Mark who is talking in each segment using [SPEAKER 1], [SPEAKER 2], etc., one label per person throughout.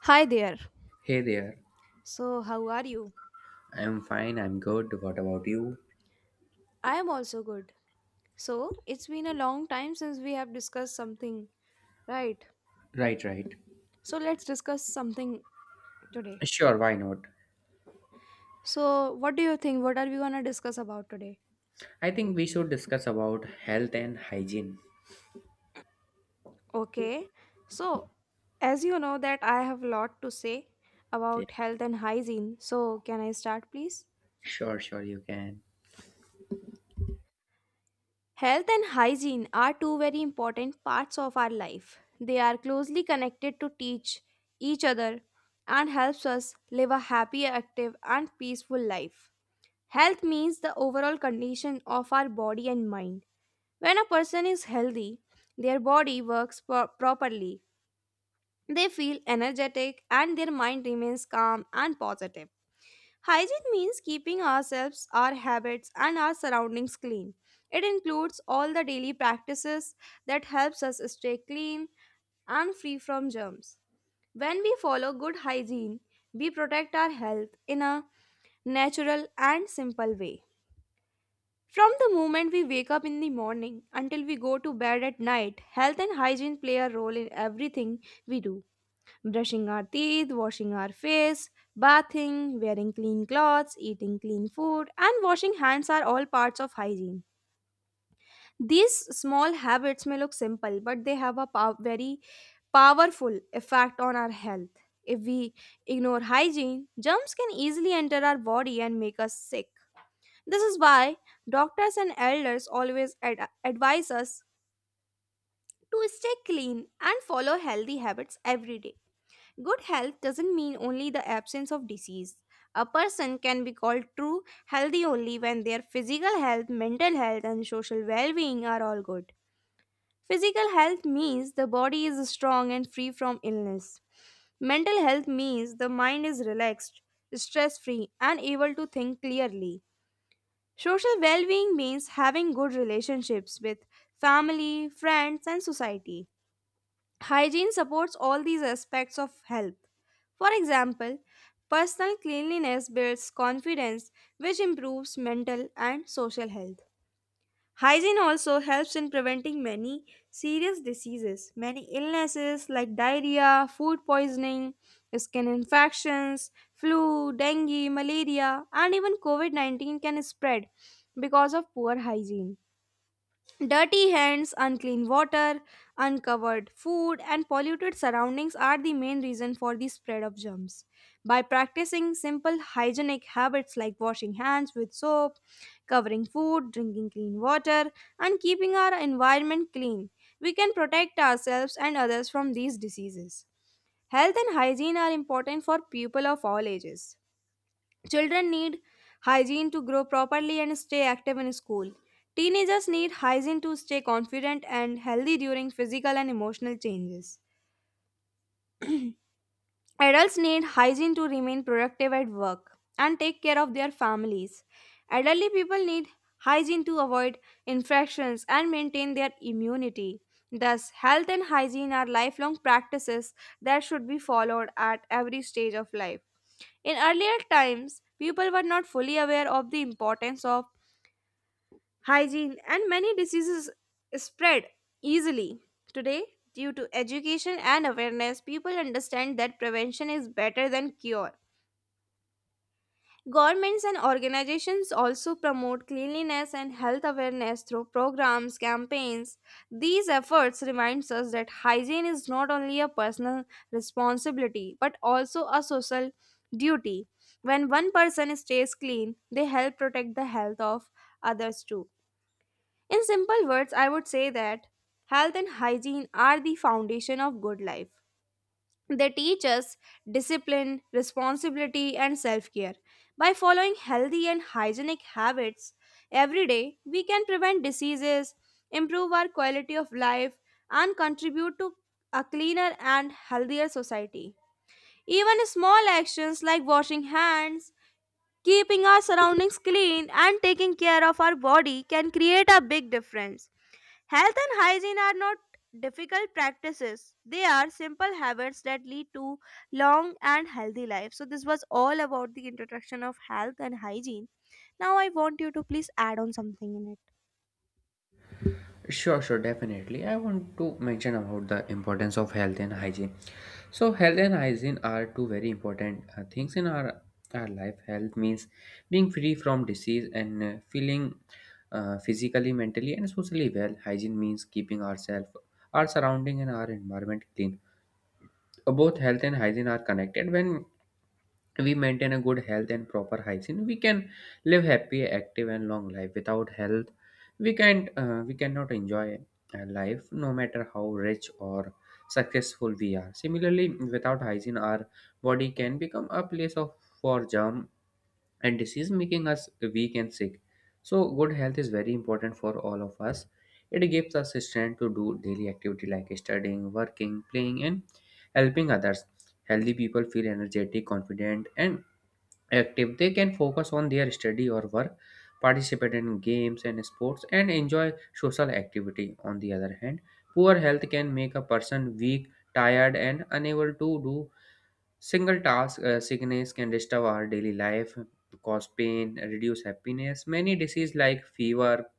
[SPEAKER 1] Hi there.
[SPEAKER 2] Hey there.
[SPEAKER 1] So, how are you?
[SPEAKER 2] I'm fine, I'm good. What about you?
[SPEAKER 1] I am also good. So, it's been a long time since we have discussed something, right?
[SPEAKER 2] Right, right.
[SPEAKER 1] So, let's discuss something today.
[SPEAKER 2] Sure, why not?
[SPEAKER 1] So, what do you think? What are we going to discuss about today?
[SPEAKER 2] I think we should discuss about health and hygiene.
[SPEAKER 1] Okay. So, as you know that I have a lot to say
[SPEAKER 2] Yeah,
[SPEAKER 1] about health and hygiene. So, can I start please?
[SPEAKER 2] sure, sure, you can.
[SPEAKER 1] Health and hygiene are two very important parts of our life. They are closely connected to teach each other and helps us live a happy, active and peaceful life. Health means the overall condition of our body and mind. When a person is healthy, their body works properly. They feel energetic and their mind remains calm and positive. Hygiene means keeping ourselves, our habits, and our surroundings clean. It includes all the daily practices that helps us stay clean and free from germs. When we follow good hygiene, we protect our health in a natural and simple way. From the moment we wake up in the morning until we go to bed at night, health and hygiene play a role in everything we do: brushing our teeth, washing our face, bathing, wearing clean clothes, eating clean food, and washing hands are all parts of hygiene. These small habits may look simple, but they have a very powerful effect on our health. If we ignore hygiene, germs can easily enter our body and make us sick. This is why doctors and elders always advise us to stay clean and follow healthy habits every day. Good health doesn't mean only the absence of disease. A person can be called true healthy only when their physical health, mental health, and social well being are all good. Physical health means the body is strong and free from illness. Mental health means the mind is relaxed, stress free, and able to think clearly. Social well being means having good relationships with family, friends, and society. Hygiene supports all these aspects of health. For example, personal cleanliness builds confidence, which improves mental and social health. Hygiene also helps in preventing many serious diseases. Many illnesses like diarrhea, food poisoning, skin infections, flu, dengue, malaria, and even COVID 19 can spread because of poor hygiene. Dirty hands, unclean water, uncovered food, and polluted surroundings are the main reason for the spread of germs. By practicing simple hygienic habits like washing hands with soap, covering food, drinking clean water, and keeping our environment clean, we can protect ourselves and others from these diseases. Health and hygiene are important for people of all ages. Children need hygiene to grow properly and stay active in school. Teenagers need hygiene to stay confident and healthy during physical and emotional changes. Adults need hygiene to remain productive at work and take care of their families. Elderly people need hygiene to avoid infections and maintain their immunity. Thus, health and hygiene are lifelong practices that should be followed at every stage of life. In earlier times, people were not fully aware of the importance of hygiene, and many diseases spread easily. Today, due to education and awareness, people understand that prevention is better than cure. Governments and organizations also promote cleanliness and health awareness through programs, campaigns. These efforts remind us that hygiene is not only a personal responsibility but also a social duty. When one person stays clean, they help protect the health of others too. In simple words, I would say that health and hygiene are the foundation of good life. They teach us discipline, responsibility, and self care. By following healthy and hygienic habits every day, we can prevent diseases, improve our quality of life, and contribute to a cleaner and healthier society. Even small actions like washing hands, keeping our surroundings clean, and taking care of our body can create a big difference. Health and hygiene are not difficult practices. They are simple habits that lead to long and healthy life. So this was all about the introduction of health and hygiene. Now I want you to please add on something in it.
[SPEAKER 2] Sure, sure, definitely. I want to mention about the importance of health and hygiene. So, health and hygiene are two very important things in our life. Health means being free from disease and feeling physically, mentally, and socially well. Hygiene means keeping ourselves, our surrounding, and our environment clean. Both health and hygiene are connected. When we maintain a good health and proper hygiene, we can live happy, active and long life. Without health, we cannot enjoy a life no matter how rich or successful we are. Similarly, without hygiene, our body can become a place of for germ and disease, making us weak and sick. So, good health is very important for all of us. It gives us strength to do daily activity like studying, working, playing, and helping others. Healthy people feel energetic, confident, and active. They can focus on their study or work, participate in games and sports, and enjoy social activity. On the other hand, poor health can make a person weak, tired, and unable to do single task. Sickness can disturb our daily life, cause pain, reduce happiness. Many diseases like fever,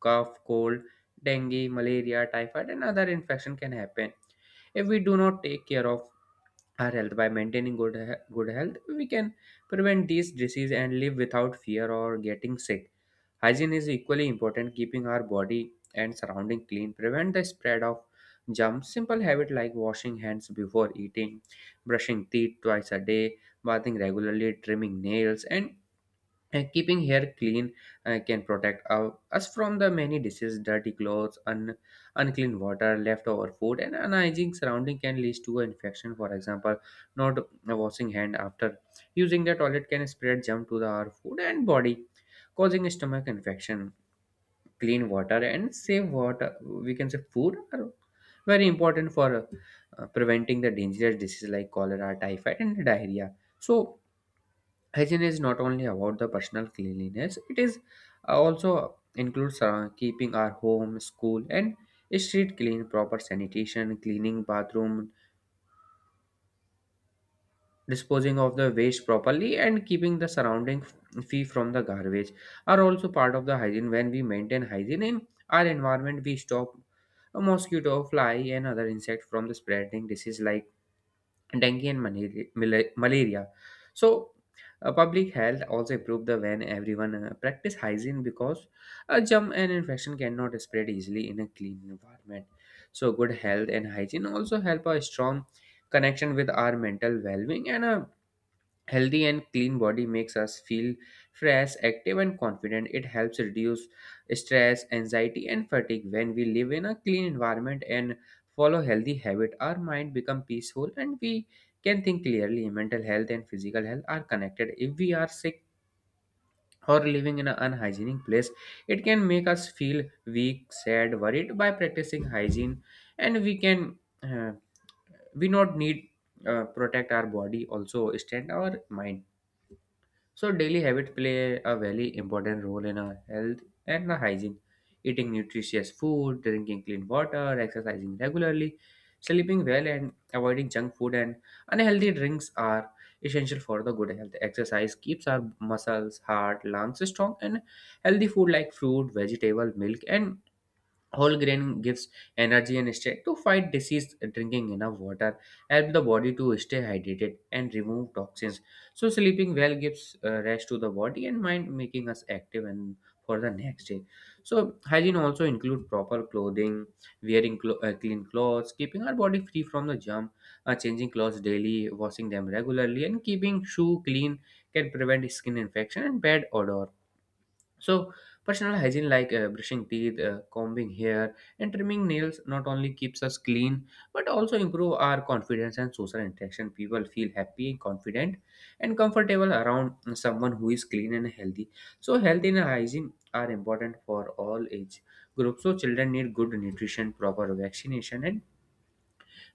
[SPEAKER 2] cough, cold, dengue, malaria, typhoid, and other infection can happen. If we do not take care of our health by maintaining good health, we can prevent these diseases and live without fear or getting sick. Hygiene is equally important. Keeping our body and surrounding clean prevent the spread of germs. Simple habit like washing hands before eating, brushing teeth twice a day, bathing regularly, trimming nails, and keeping hair clean can protect us from the many diseases. Dirty clothes, unclean water, leftover food, and unhygienic surrounding can lead to infection. For example, not washing hand after using the toilet can spread germ to our food and body, causing stomach infection. Clean water and safe water, we can say food, are very important for preventing the dangerous diseases like cholera, typhoid, and diarrhea. So, hygiene is not only about the personal cleanliness, it is also includes, keeping our home, school and street clean. Proper sanitation, cleaning bathroom, disposing of the waste properly, and keeping the surrounding free from the garbage are also part of the hygiene. When we maintain hygiene in our environment, we stop a mosquito, fly and other insect from the spreading disease like dengue and malaria. So, public health also improved the when everyone practice hygiene, because a germ and infection cannot spread easily in a clean environment. So, good health and hygiene also help a strong connection with our mental well-being, and a healthy and clean body makes us feel fresh, active and confident. It helps reduce stress, anxiety and fatigue. When we live in a clean environment and follow healthy habit, our mind become peaceful and we can think clearly. Mental health and physical health are connected. If we are sick or living in an unhygienic place, it can make us feel weak, sad, worried. By practicing hygiene, and uh, we not need, protect our body, also stand our mind. So, daily habits play a very important role in our health and our hygiene. Eating nutritious food, drinking clean water, exercising regularly, sleeping well and avoiding junk food and unhealthy drinks are essential for the good health. Exercise keeps our muscles, heart, lungs strong. And healthy food like fruit, vegetable, milk and whole grain gives energy and strength to fight disease. Drinking enough water help the body to stay hydrated and remove toxins. So, sleeping well gives rest to the body and mind, making us active and for the next day. So, hygiene also include proper clothing, wearing clean clothes, keeping our body free from the germ, changing clothes daily, washing them regularly and keeping shoe clean can prevent skin infection and bad odor. So, personal hygiene like brushing teeth, combing hair, and trimming nails not only keeps us clean but also improve our confidence and social interaction. People feel happy, confident, and comfortable around someone who is clean and healthy. So, health and hygiene are important for all age groups. So, children need good nutrition, proper vaccination, and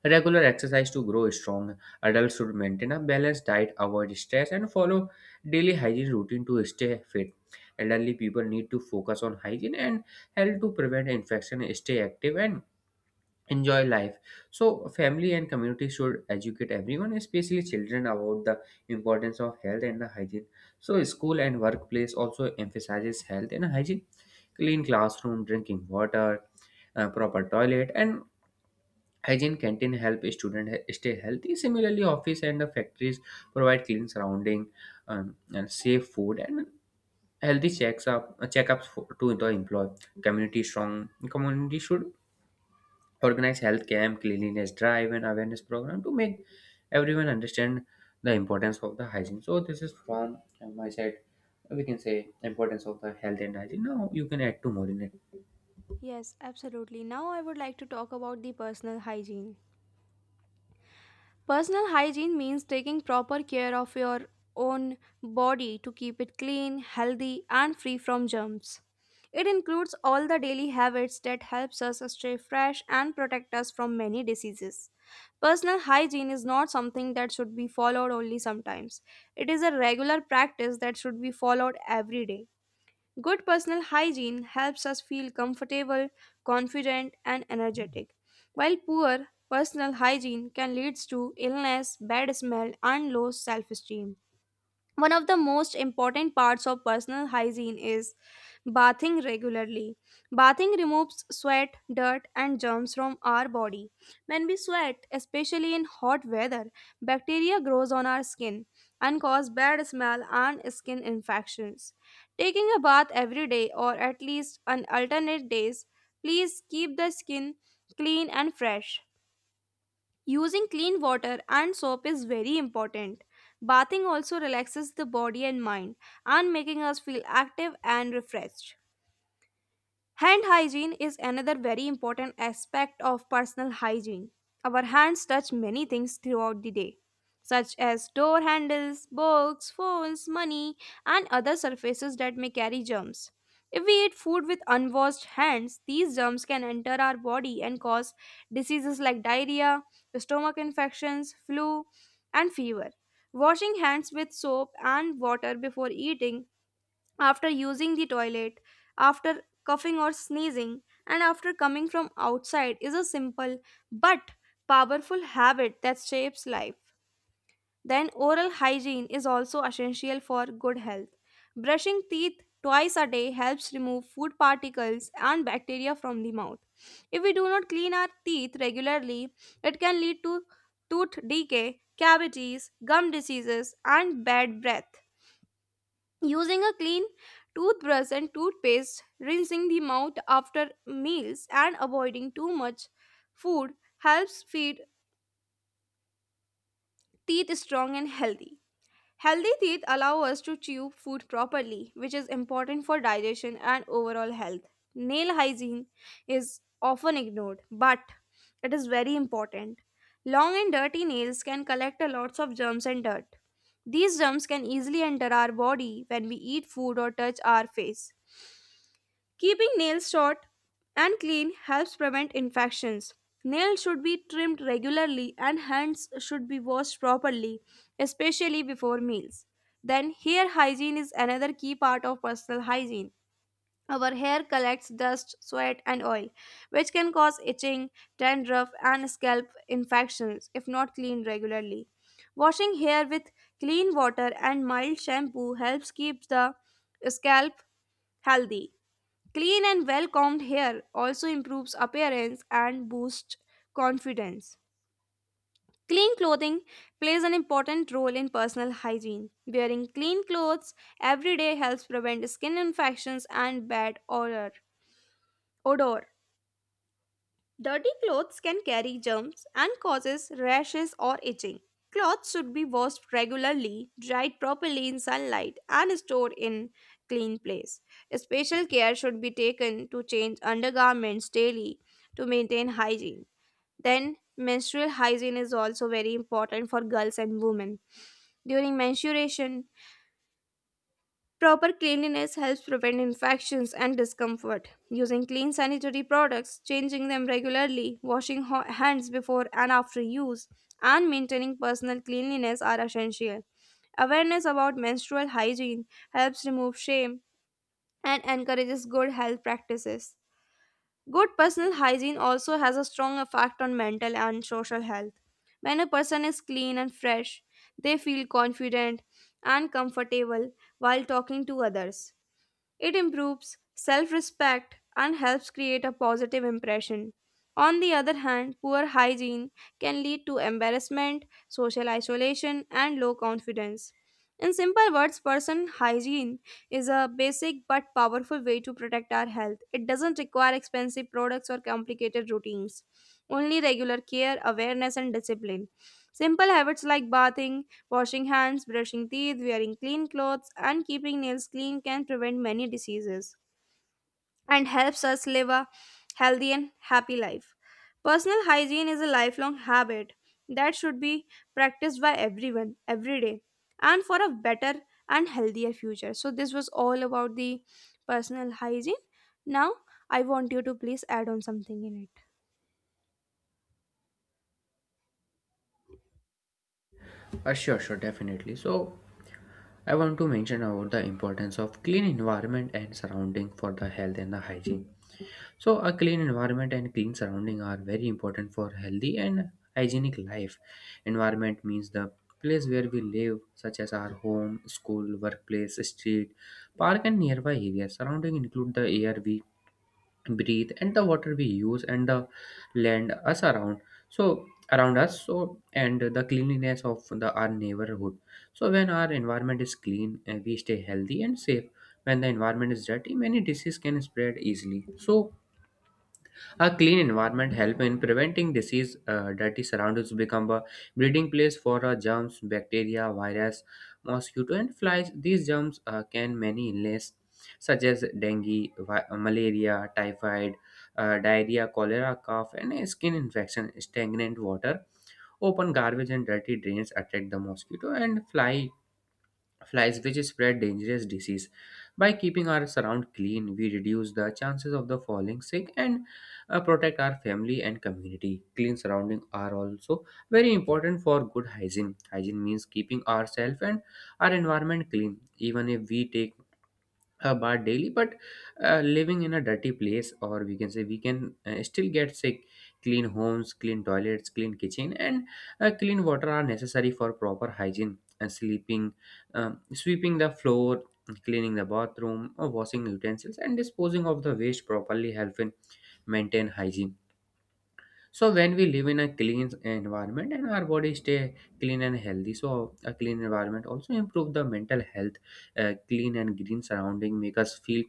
[SPEAKER 2] regular exercise to grow strong. Adults should maintain a balanced diet, avoid stress, and follow daily hygiene routine to stay fit. Elderly people need to focus on hygiene and health to prevent infection, stay active, and enjoy life. So, family and community should educate everyone, especially children, about the importance of health and the hygiene. So, school and workplace also emphasizes health and hygiene. Clean classroom, drinking water, proper toilet, and hygiene canteen help stay healthy. Similarly, office and the factories provide clean surrounding, and safe food and healthy checks up checkups to the employee. Community Strong community should organize health camp, cleanliness drive, and awareness program to make everyone understand the importance of the hygiene. So, this is from my side. We can say importance of the health and hygiene. Now you can add to more in it.
[SPEAKER 1] Yes, absolutely. Now I would like to talk about the personal hygiene. Personal hygiene means taking proper care of your own body to keep it clean, healthy, and free from germs. It includes all the daily habits that helps us stay fresh and protect us from many diseases. Personal hygiene is not something that should be followed only sometimes. It is a regular practice that should be followed every day. Good personal hygiene helps us feel comfortable, confident, and energetic, while poor personal hygiene can lead to illness, bad smell, and low self esteem. One of the most important parts of personal hygiene is bathing regularly. Bathing removes sweat, dirt, and germs from our body. When we sweat, especially in hot weather, bacteria grows on our skin and cause bad smell and skin infections. Taking a bath every day or at least on alternate days, please keep the skin clean and fresh. Using clean water and soap is very important. Bathing also relaxes the body and mind and making us feel active and refreshed. Hand hygiene is another very important aspect of personal hygiene. Our hands touch many things throughout the day, such as door handles, books, phones, money, and other surfaces that may carry germs. If we eat food with unwashed hands, these germs can enter our body and cause diseases like diarrhea, stomach infections, flu, and fever. Washing hands with soap and water before eating, after using the toilet, after coughing or sneezing, and after coming from outside is a simple but powerful habit that shapes life. Then, oral hygiene is also essential for good health. Brushing teeth twice a day helps remove food particles and bacteria from the mouth. If we do not clean our teeth regularly, it can lead to tooth decay, cavities, gum diseases, and bad breath. Using a clean toothbrush and toothpaste, rinsing the mouth after meals, and avoiding too much food helps feed teeth strong and healthy. Healthy teeth allow us to chew food properly, which is important for digestion and overall health. Nail hygiene is often ignored, but it is very important. Long and dirty nails can collect a lots of germs and dirt. These germs can easily enter our body when we eat food or touch our face. Keeping nails short and clean helps prevent infections. Nails should be trimmed regularly and hands should be washed properly, especially before meals. Then, hair hygiene is another key part of personal hygiene. Our hair collects dust, sweat, and oil, which can cause itching, dandruff, and scalp infections if not cleaned regularly. Washing hair with clean water and mild shampoo helps keep the scalp healthy. Clean and well combed hair also improves appearance and boosts confidence. Clean clothing plays an important role in personal hygiene. Wearing clean clothes every day helps prevent skin infections and bad odor. Dirty clothes can carry germs and causes rashes or itching. Clothes should be washed regularly, dried properly in sunlight, and stored in clean place. Special care should be taken to change undergarments daily to maintain hygiene. Then menstrual hygiene is also very important for girls and women. During menstruation, proper cleanliness helps prevent infections and discomfort. Using clean sanitary products, changing them regularly, washing hands before and after use, and maintaining personal cleanliness are essential. Awareness about menstrual hygiene helps remove shame and encourages good health practices. Good personal hygiene also has a strong effect on mental and social health. When a person is clean and fresh, they feel confident and comfortable while talking to others. It improves self respect and helps create a positive impression. On the other hand, poor hygiene can lead to embarrassment, social isolation, and low confidence. In simple words, person hygiene is a basic but powerful way to protect our health. It doesn't require expensive products or complicated routines, only regular care, awareness, and discipline. Simple habits like bathing, washing hands, brushing teeth, wearing clean clothes, and keeping nails clean can prevent many diseases and helps us live a healthy and happy life. Personal hygiene is a lifelong habit that should be practiced by everyone every day and for a better and healthier future. So, this was all about the personal hygiene. Now, I want you to please add on something in it.
[SPEAKER 2] Sure, sure, definitely. So, I want to mention about the importance of clean environment and surrounding for the health and the hygiene. So, a clean environment and clean surrounding are very important for healthy and hygienic life. Environment means the place where we live, such as our home, school, workplace, street, park, and nearby areas. Surrounding include the air we breathe and the water we use and the land us around so around us. So, and the cleanliness of the our neighborhood. So, when our environment is clean, we stay healthy and safe. When the environment is dirty, many diseases can spread easily. So, a clean environment helps in preventing disease. Dirty surroundings become a breeding place for germs, bacteria, virus, mosquito, and flies. These germs can many illness, such as dengue, malaria, typhoid, diarrhea, cholera, cough, and skin infection. Stagnant water, open garbage, and dirty drains attract the mosquito and fly flies, which spread dangerous disease. By keeping our surround clean, we reduce the chances of the falling sick and, protect our family and community. Clean surroundings are also very important for good hygiene. Hygiene means keeping ourselves and our environment clean. Even if we take a bath daily, but living in a dirty place, or we can say, we can still get sick. Clean homes, clean toilets, clean kitchen and clean water are necessary for proper hygiene. And sleeping sweeping the floor, cleaning the bathroom or washing utensils and disposing of the waste properly help in maintain hygiene. So, when we live in a clean environment, and our body stay clean and healthy. So, a clean environment also improve the mental health. Clean and green surrounding make us feel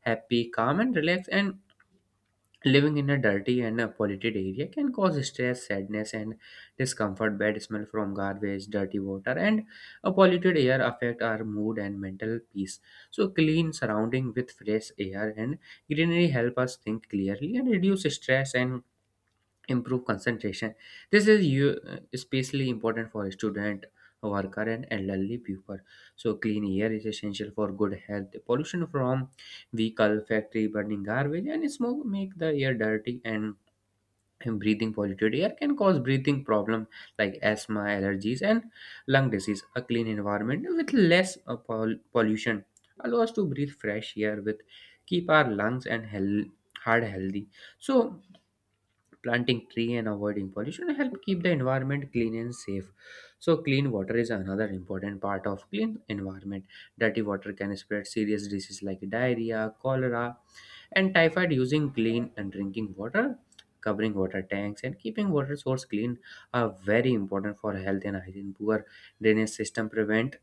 [SPEAKER 2] happy, calm, and relaxed. And living in a dirty and a polluted area can cause stress, sadness, and discomfort. Bad smell from garbage, dirty water, and a polluted air affect our mood and mental peace. So, clean surrounding with fresh air and greenery help us think clearly and reduce stress and improve concentration. This is you especially important for student, worker and elderly people. So, clean air is essential for good health. Pollution from vehicle, factory, burning garbage and smoke make the air dirty, and breathing polluted air can cause breathing problem like asthma, allergies and lung disease. A clean environment with less pollution allow us to breathe fresh air with keep our lungs and health heart healthy. So, planting tree and avoiding pollution help keep the environment clean and safe. So, clean water is another important part of clean environment. Dirty water can spread serious diseases like diarrhea, cholera and typhoid. Using clean and drinking water, covering water tanks and keeping water source clean are very important for health and hygiene. Poor drainage system prevent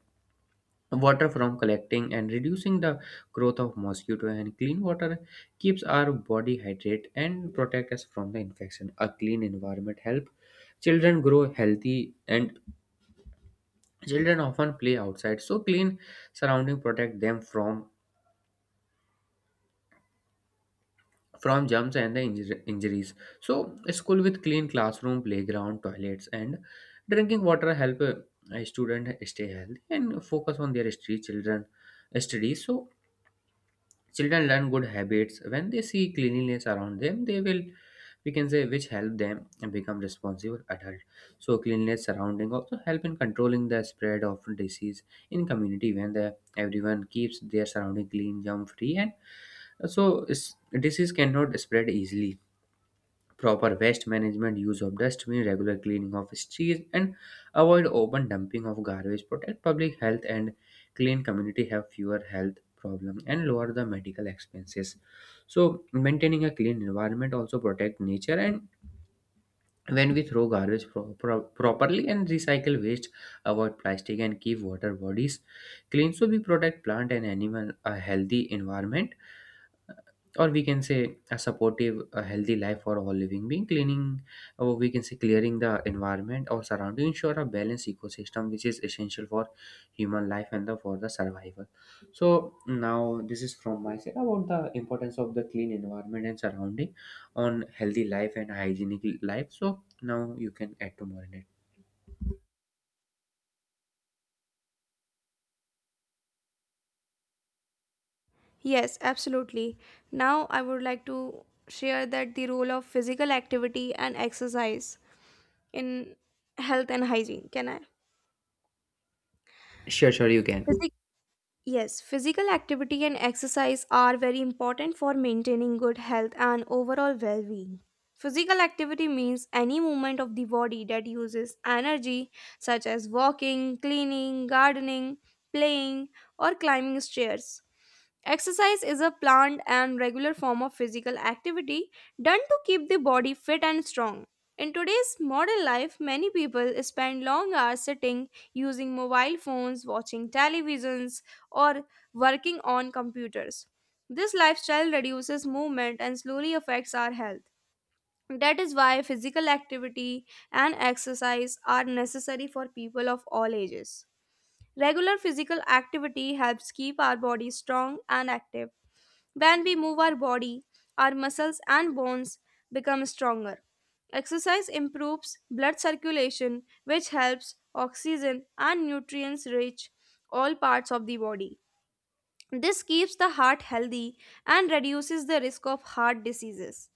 [SPEAKER 2] water from collecting and reducing the growth of mosquito. And clean water keeps our body hydrated and protect us from the infection. A clean environment help children grow healthy. And children often play outside, so clean surrounding protect them from germs and the injuries. So, a school with clean classroom, playground, toilets and drinking water help a student stay healthy and focus on their street children studies. So, children learn good habits when they see cleanliness around them. They will, we can say, which help them become responsible adult. So, cleanliness surrounding also help in controlling the spread of disease in community, when the everyone keeps their surrounding clean, germ free, and disease cannot spread easily. Proper waste management, use of dustbin, regular cleaning of streets, and avoid open dumping of garbage. Protect public health and clean community have fewer health problems and lower the medical expenses. So maintaining a clean environment also protect nature, and when we throw garbage properly and recycle waste, avoid plastic and keep water bodies clean. So we protect plant and animal, a healthy environment, or we can say a supportive a healthy life for all living being. Cleaning, or we can say clearing the environment or surrounding, ensure a balanced ecosystem which is essential for human life and the, for the survival. So now this is from my side about the importance of the clean environment and surrounding on healthy life and hygienic life. So now you can add to more in it.
[SPEAKER 1] Yes, absolutely. Now, I would like to share that the role of physical activity and exercise in health and hygiene. Can I?
[SPEAKER 2] Sure, sure, you can.
[SPEAKER 1] Yes, physical activity and exercise are very important for maintaining good health and overall well being. Physical activity means any movement of the body that uses energy, such as walking, cleaning, gardening, playing, or climbing stairs. Exercise is a planned and regular form of physical activity done to keep the body fit and strong. In today's modern life, many people spend long hours sitting using mobile phones, watching televisions, or working on computers. This lifestyle reduces movement and slowly affects our health. That is why physical activity and exercise are necessary for people of all ages. Regular physical activity helps keep our body strong and active. When we move our body, our muscles and bones become stronger. Exercise improves blood circulation, which helps oxygen and nutrients reach all parts of the body. This keeps the heart healthy and reduces the risk of heart diseases.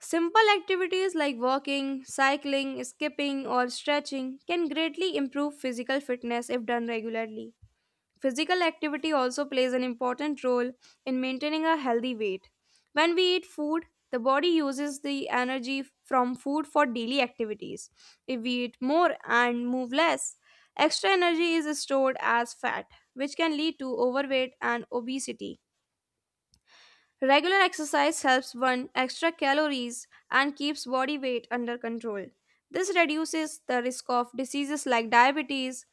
[SPEAKER 1] Simple activities like walking, cycling, skipping, or stretching can greatly improve physical fitness if done regularly. Physical activity also plays an important role in maintaining a healthy weight. When we eat food, the body uses the energy from food for daily activities. If we eat more and move less, extra energy is stored as fat, which can lead to overweight and obesity. Regular exercise helps burn extra calories and keeps body weight under control. This reduces the risk of diseases like diabetes,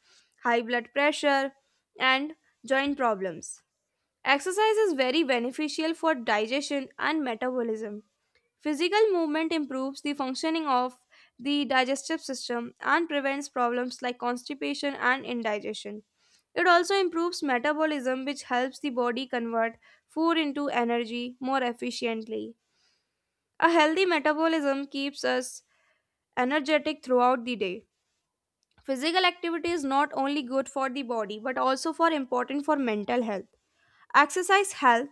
[SPEAKER 1] high blood pressure, and joint problems. Exercise is very beneficial for digestion and metabolism. Physical movement improves the functioning of the digestive system and prevents problems like constipation and indigestion. It also improves metabolism, which helps the body convert food into energy more efficiently. A healthy metabolism keeps us energetic throughout the day. Physical activity is not only good for the body but also for important for mental health. Exercise helps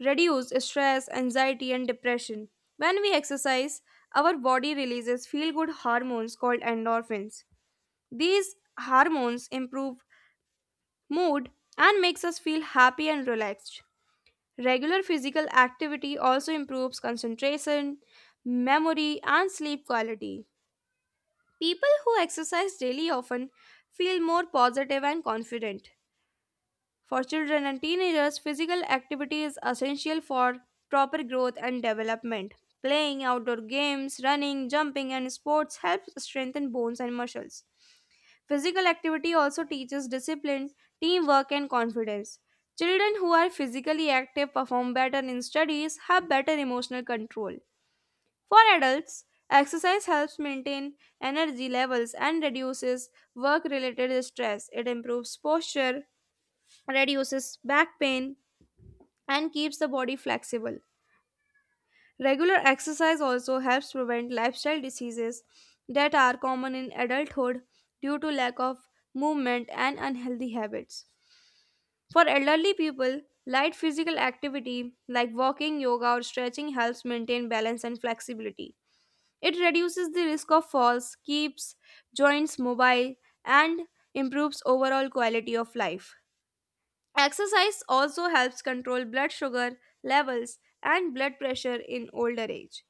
[SPEAKER 1] reduce stress, anxiety, and depression. When we exercise, our body releases feel good hormones called endorphins. These hormones improve mood and makes us feel happy and relaxed. Regular physical activity also improves concentration, memory, and sleep quality. People who exercise daily often feel more positive and confident. For children and teenagers, physical activity is essential for proper growth and development. Playing outdoor games, running, jumping, and sports helps strengthen bones and muscles. Physical activity also teaches discipline, teamwork, and confidence. Children who are physically active perform better in studies, have better emotional control. For adults, exercise helps maintain energy levels and reduces work related stress. It improves posture, reduces back pain, and keeps the body flexible. Regular exercise also helps prevent lifestyle diseases that are common in adulthood due to lack of movement and unhealthy habits. For elderly people, light physical activity like walking, yoga, or stretching helps maintain balance and flexibility. It reduces the risk of falls, keeps joints mobile, and improves overall quality of life. Exercise also helps control blood sugar levels and blood pressure in older age.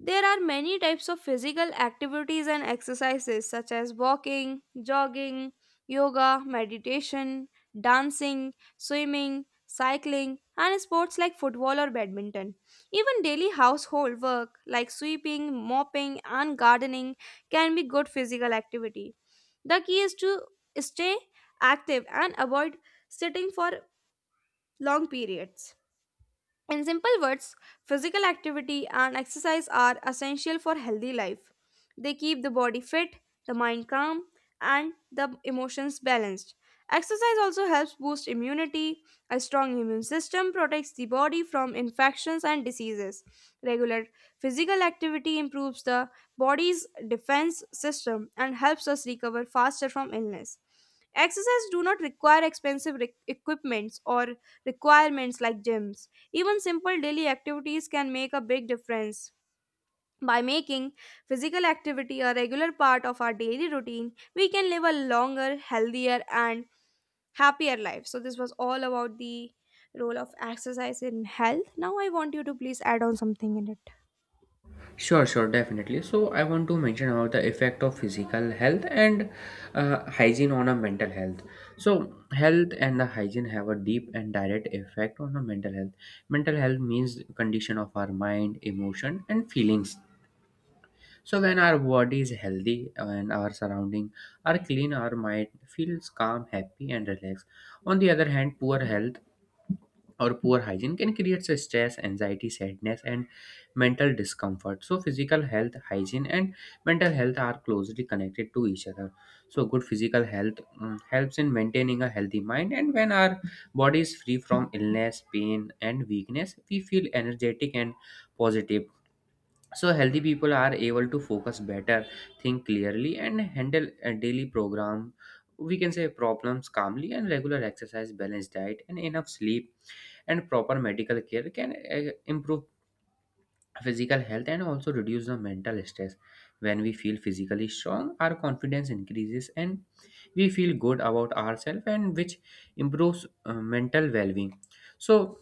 [SPEAKER 1] There are many types of physical activities and exercises such as walking, jogging, yoga, meditation, dancing, swimming, cycling, and sports like football or badminton. Even daily household work like sweeping, mopping, and gardening can be good physical activity. The key is to stay active and avoid sitting for long periods. In simple words, physical activity and exercise are essential for healthy life. They keep the body fit, the mind calm, and the emotions balanced. Exercise also helps boost immunity. A strong immune system protects the body from infections and diseases. Regular physical activity improves the body's defense system and helps us recover faster from illness. Exercise do not require expensive equipments or requirements like gyms. Even simple daily activities can make a big difference. By making physical activity a regular part of our daily routine, we can live a longer, healthier, and happier life. So, this was all about the role of exercise in health. Now, I want you to please add on something in it.
[SPEAKER 2] Sure, sure, definitely. So, I want to mention about the effect of physical health and hygiene on a mental health. So, health and the hygiene have a deep and direct effect on the mental health. Mental health means condition of our mind, emotion, and feelings. So, when our body is healthy and our surrounding are clean, our mind feels calm, happy, and relaxed. On the other hand, poor health or poor hygiene can create so stress, anxiety, sadness, and mental discomfort. So physical health, hygiene, and mental health are closely connected to each other. So good physical health helps in maintaining a healthy mind, and when our body is free from illness, pain, and weakness, we feel energetic and positive. So healthy people are able to focus better, think clearly, and handle a daily program, we can say problems, calmly. And regular exercise, balanced diet, and enough sleep and proper medical care can improve physical health and also reduce the mental stress. When we feel physically strong, our confidence increases and we feel good about ourselves, and which improves mental well-being. So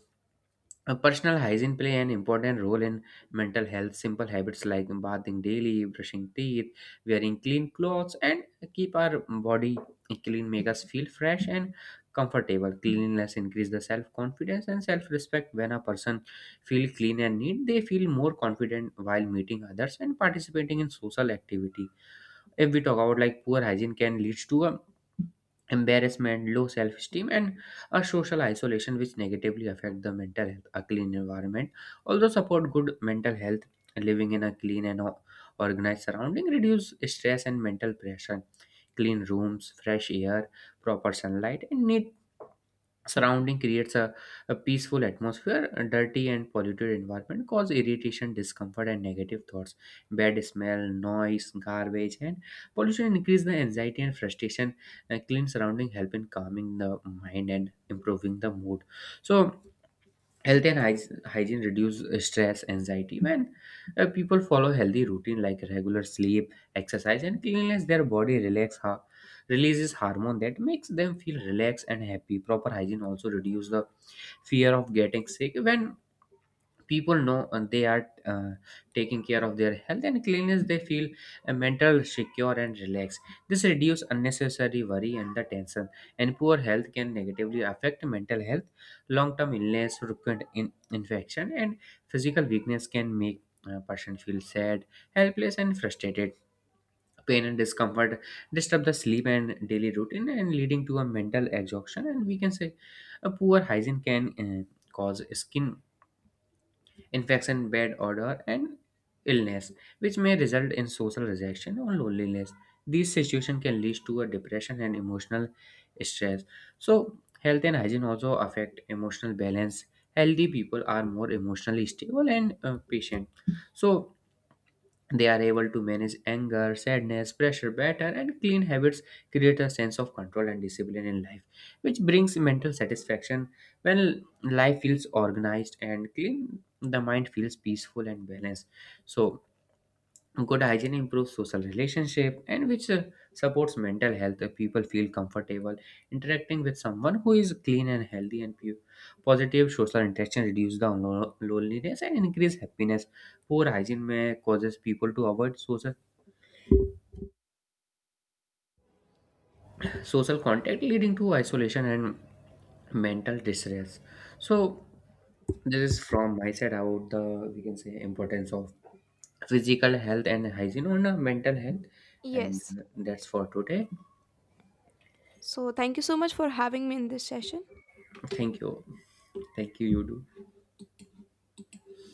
[SPEAKER 2] personal hygiene play an important role in mental health. Simple habits like bathing daily, brushing teeth, wearing clean clothes, and keep our body clean make us feel fresh and comfortable. Cleanliness increase the self confidence and self respect. When a person feel clean and neat, they feel more confident while meeting others and participating in social activity. If we talk about, like, poor hygiene can lead to a embarrassment, low self-esteem, and a social isolation, which negatively affect the mental health. A clean environment although support good mental health. Living in a clean and organized surrounding reduce stress and mental pressure. Clean rooms, fresh air, proper sunlight, and neat surrounding creates a peaceful atmosphere. A dirty and polluted environment cause irritation, discomfort, and negative thoughts. Bad smell, noise, garbage, and pollution increase the anxiety and frustration. A clean surrounding help in calming the mind and improving the mood. So health and hygiene reduce stress, anxiety. When people follow healthy routine like regular sleep, exercise, and cleanliness, their body releases hormone that makes them feel relaxed and happy. Proper hygiene also reduce the fear of getting sick. When people know they are taking care of their health and cleanliness, they feel mental secure and relaxed. This reduces unnecessary worry and the tension. And poor health can negatively affect mental health. Long term illness, frequent infection, and physical weakness can make a person feel sad, helpless, and frustrated. Pain and discomfort disturb the sleep and daily routine, and leading to a mental exhaustion. And we can say a poor hygiene can cause skin infection, bad odor, and illness, which may result in social rejection or loneliness. These situations can lead to a depression and emotional stress. So, health and hygiene also affect emotional balance. Healthy people are more emotionally stable and patient. So, they are able to manage anger, sadness, pressure better, and clean habits create a sense of control and discipline in life, which brings mental satisfaction. When life feels organized and clean, the mind feels peaceful and balanced. So, good hygiene improves social relationship, and which supports mental health. People feel comfortable interacting with someone who is clean and healthy and pure. Positive social interaction reduces the loneliness and increase happiness. Poor hygiene may causes people to avoid social contact, leading to isolation and mental distress. So this is from my side about the, we can say, importance of physical health and hygiene on mental health. And
[SPEAKER 1] Yes.
[SPEAKER 2] that's for today.
[SPEAKER 1] So, thank you so much for having me in this session.
[SPEAKER 2] Thank you. Thank you, you do.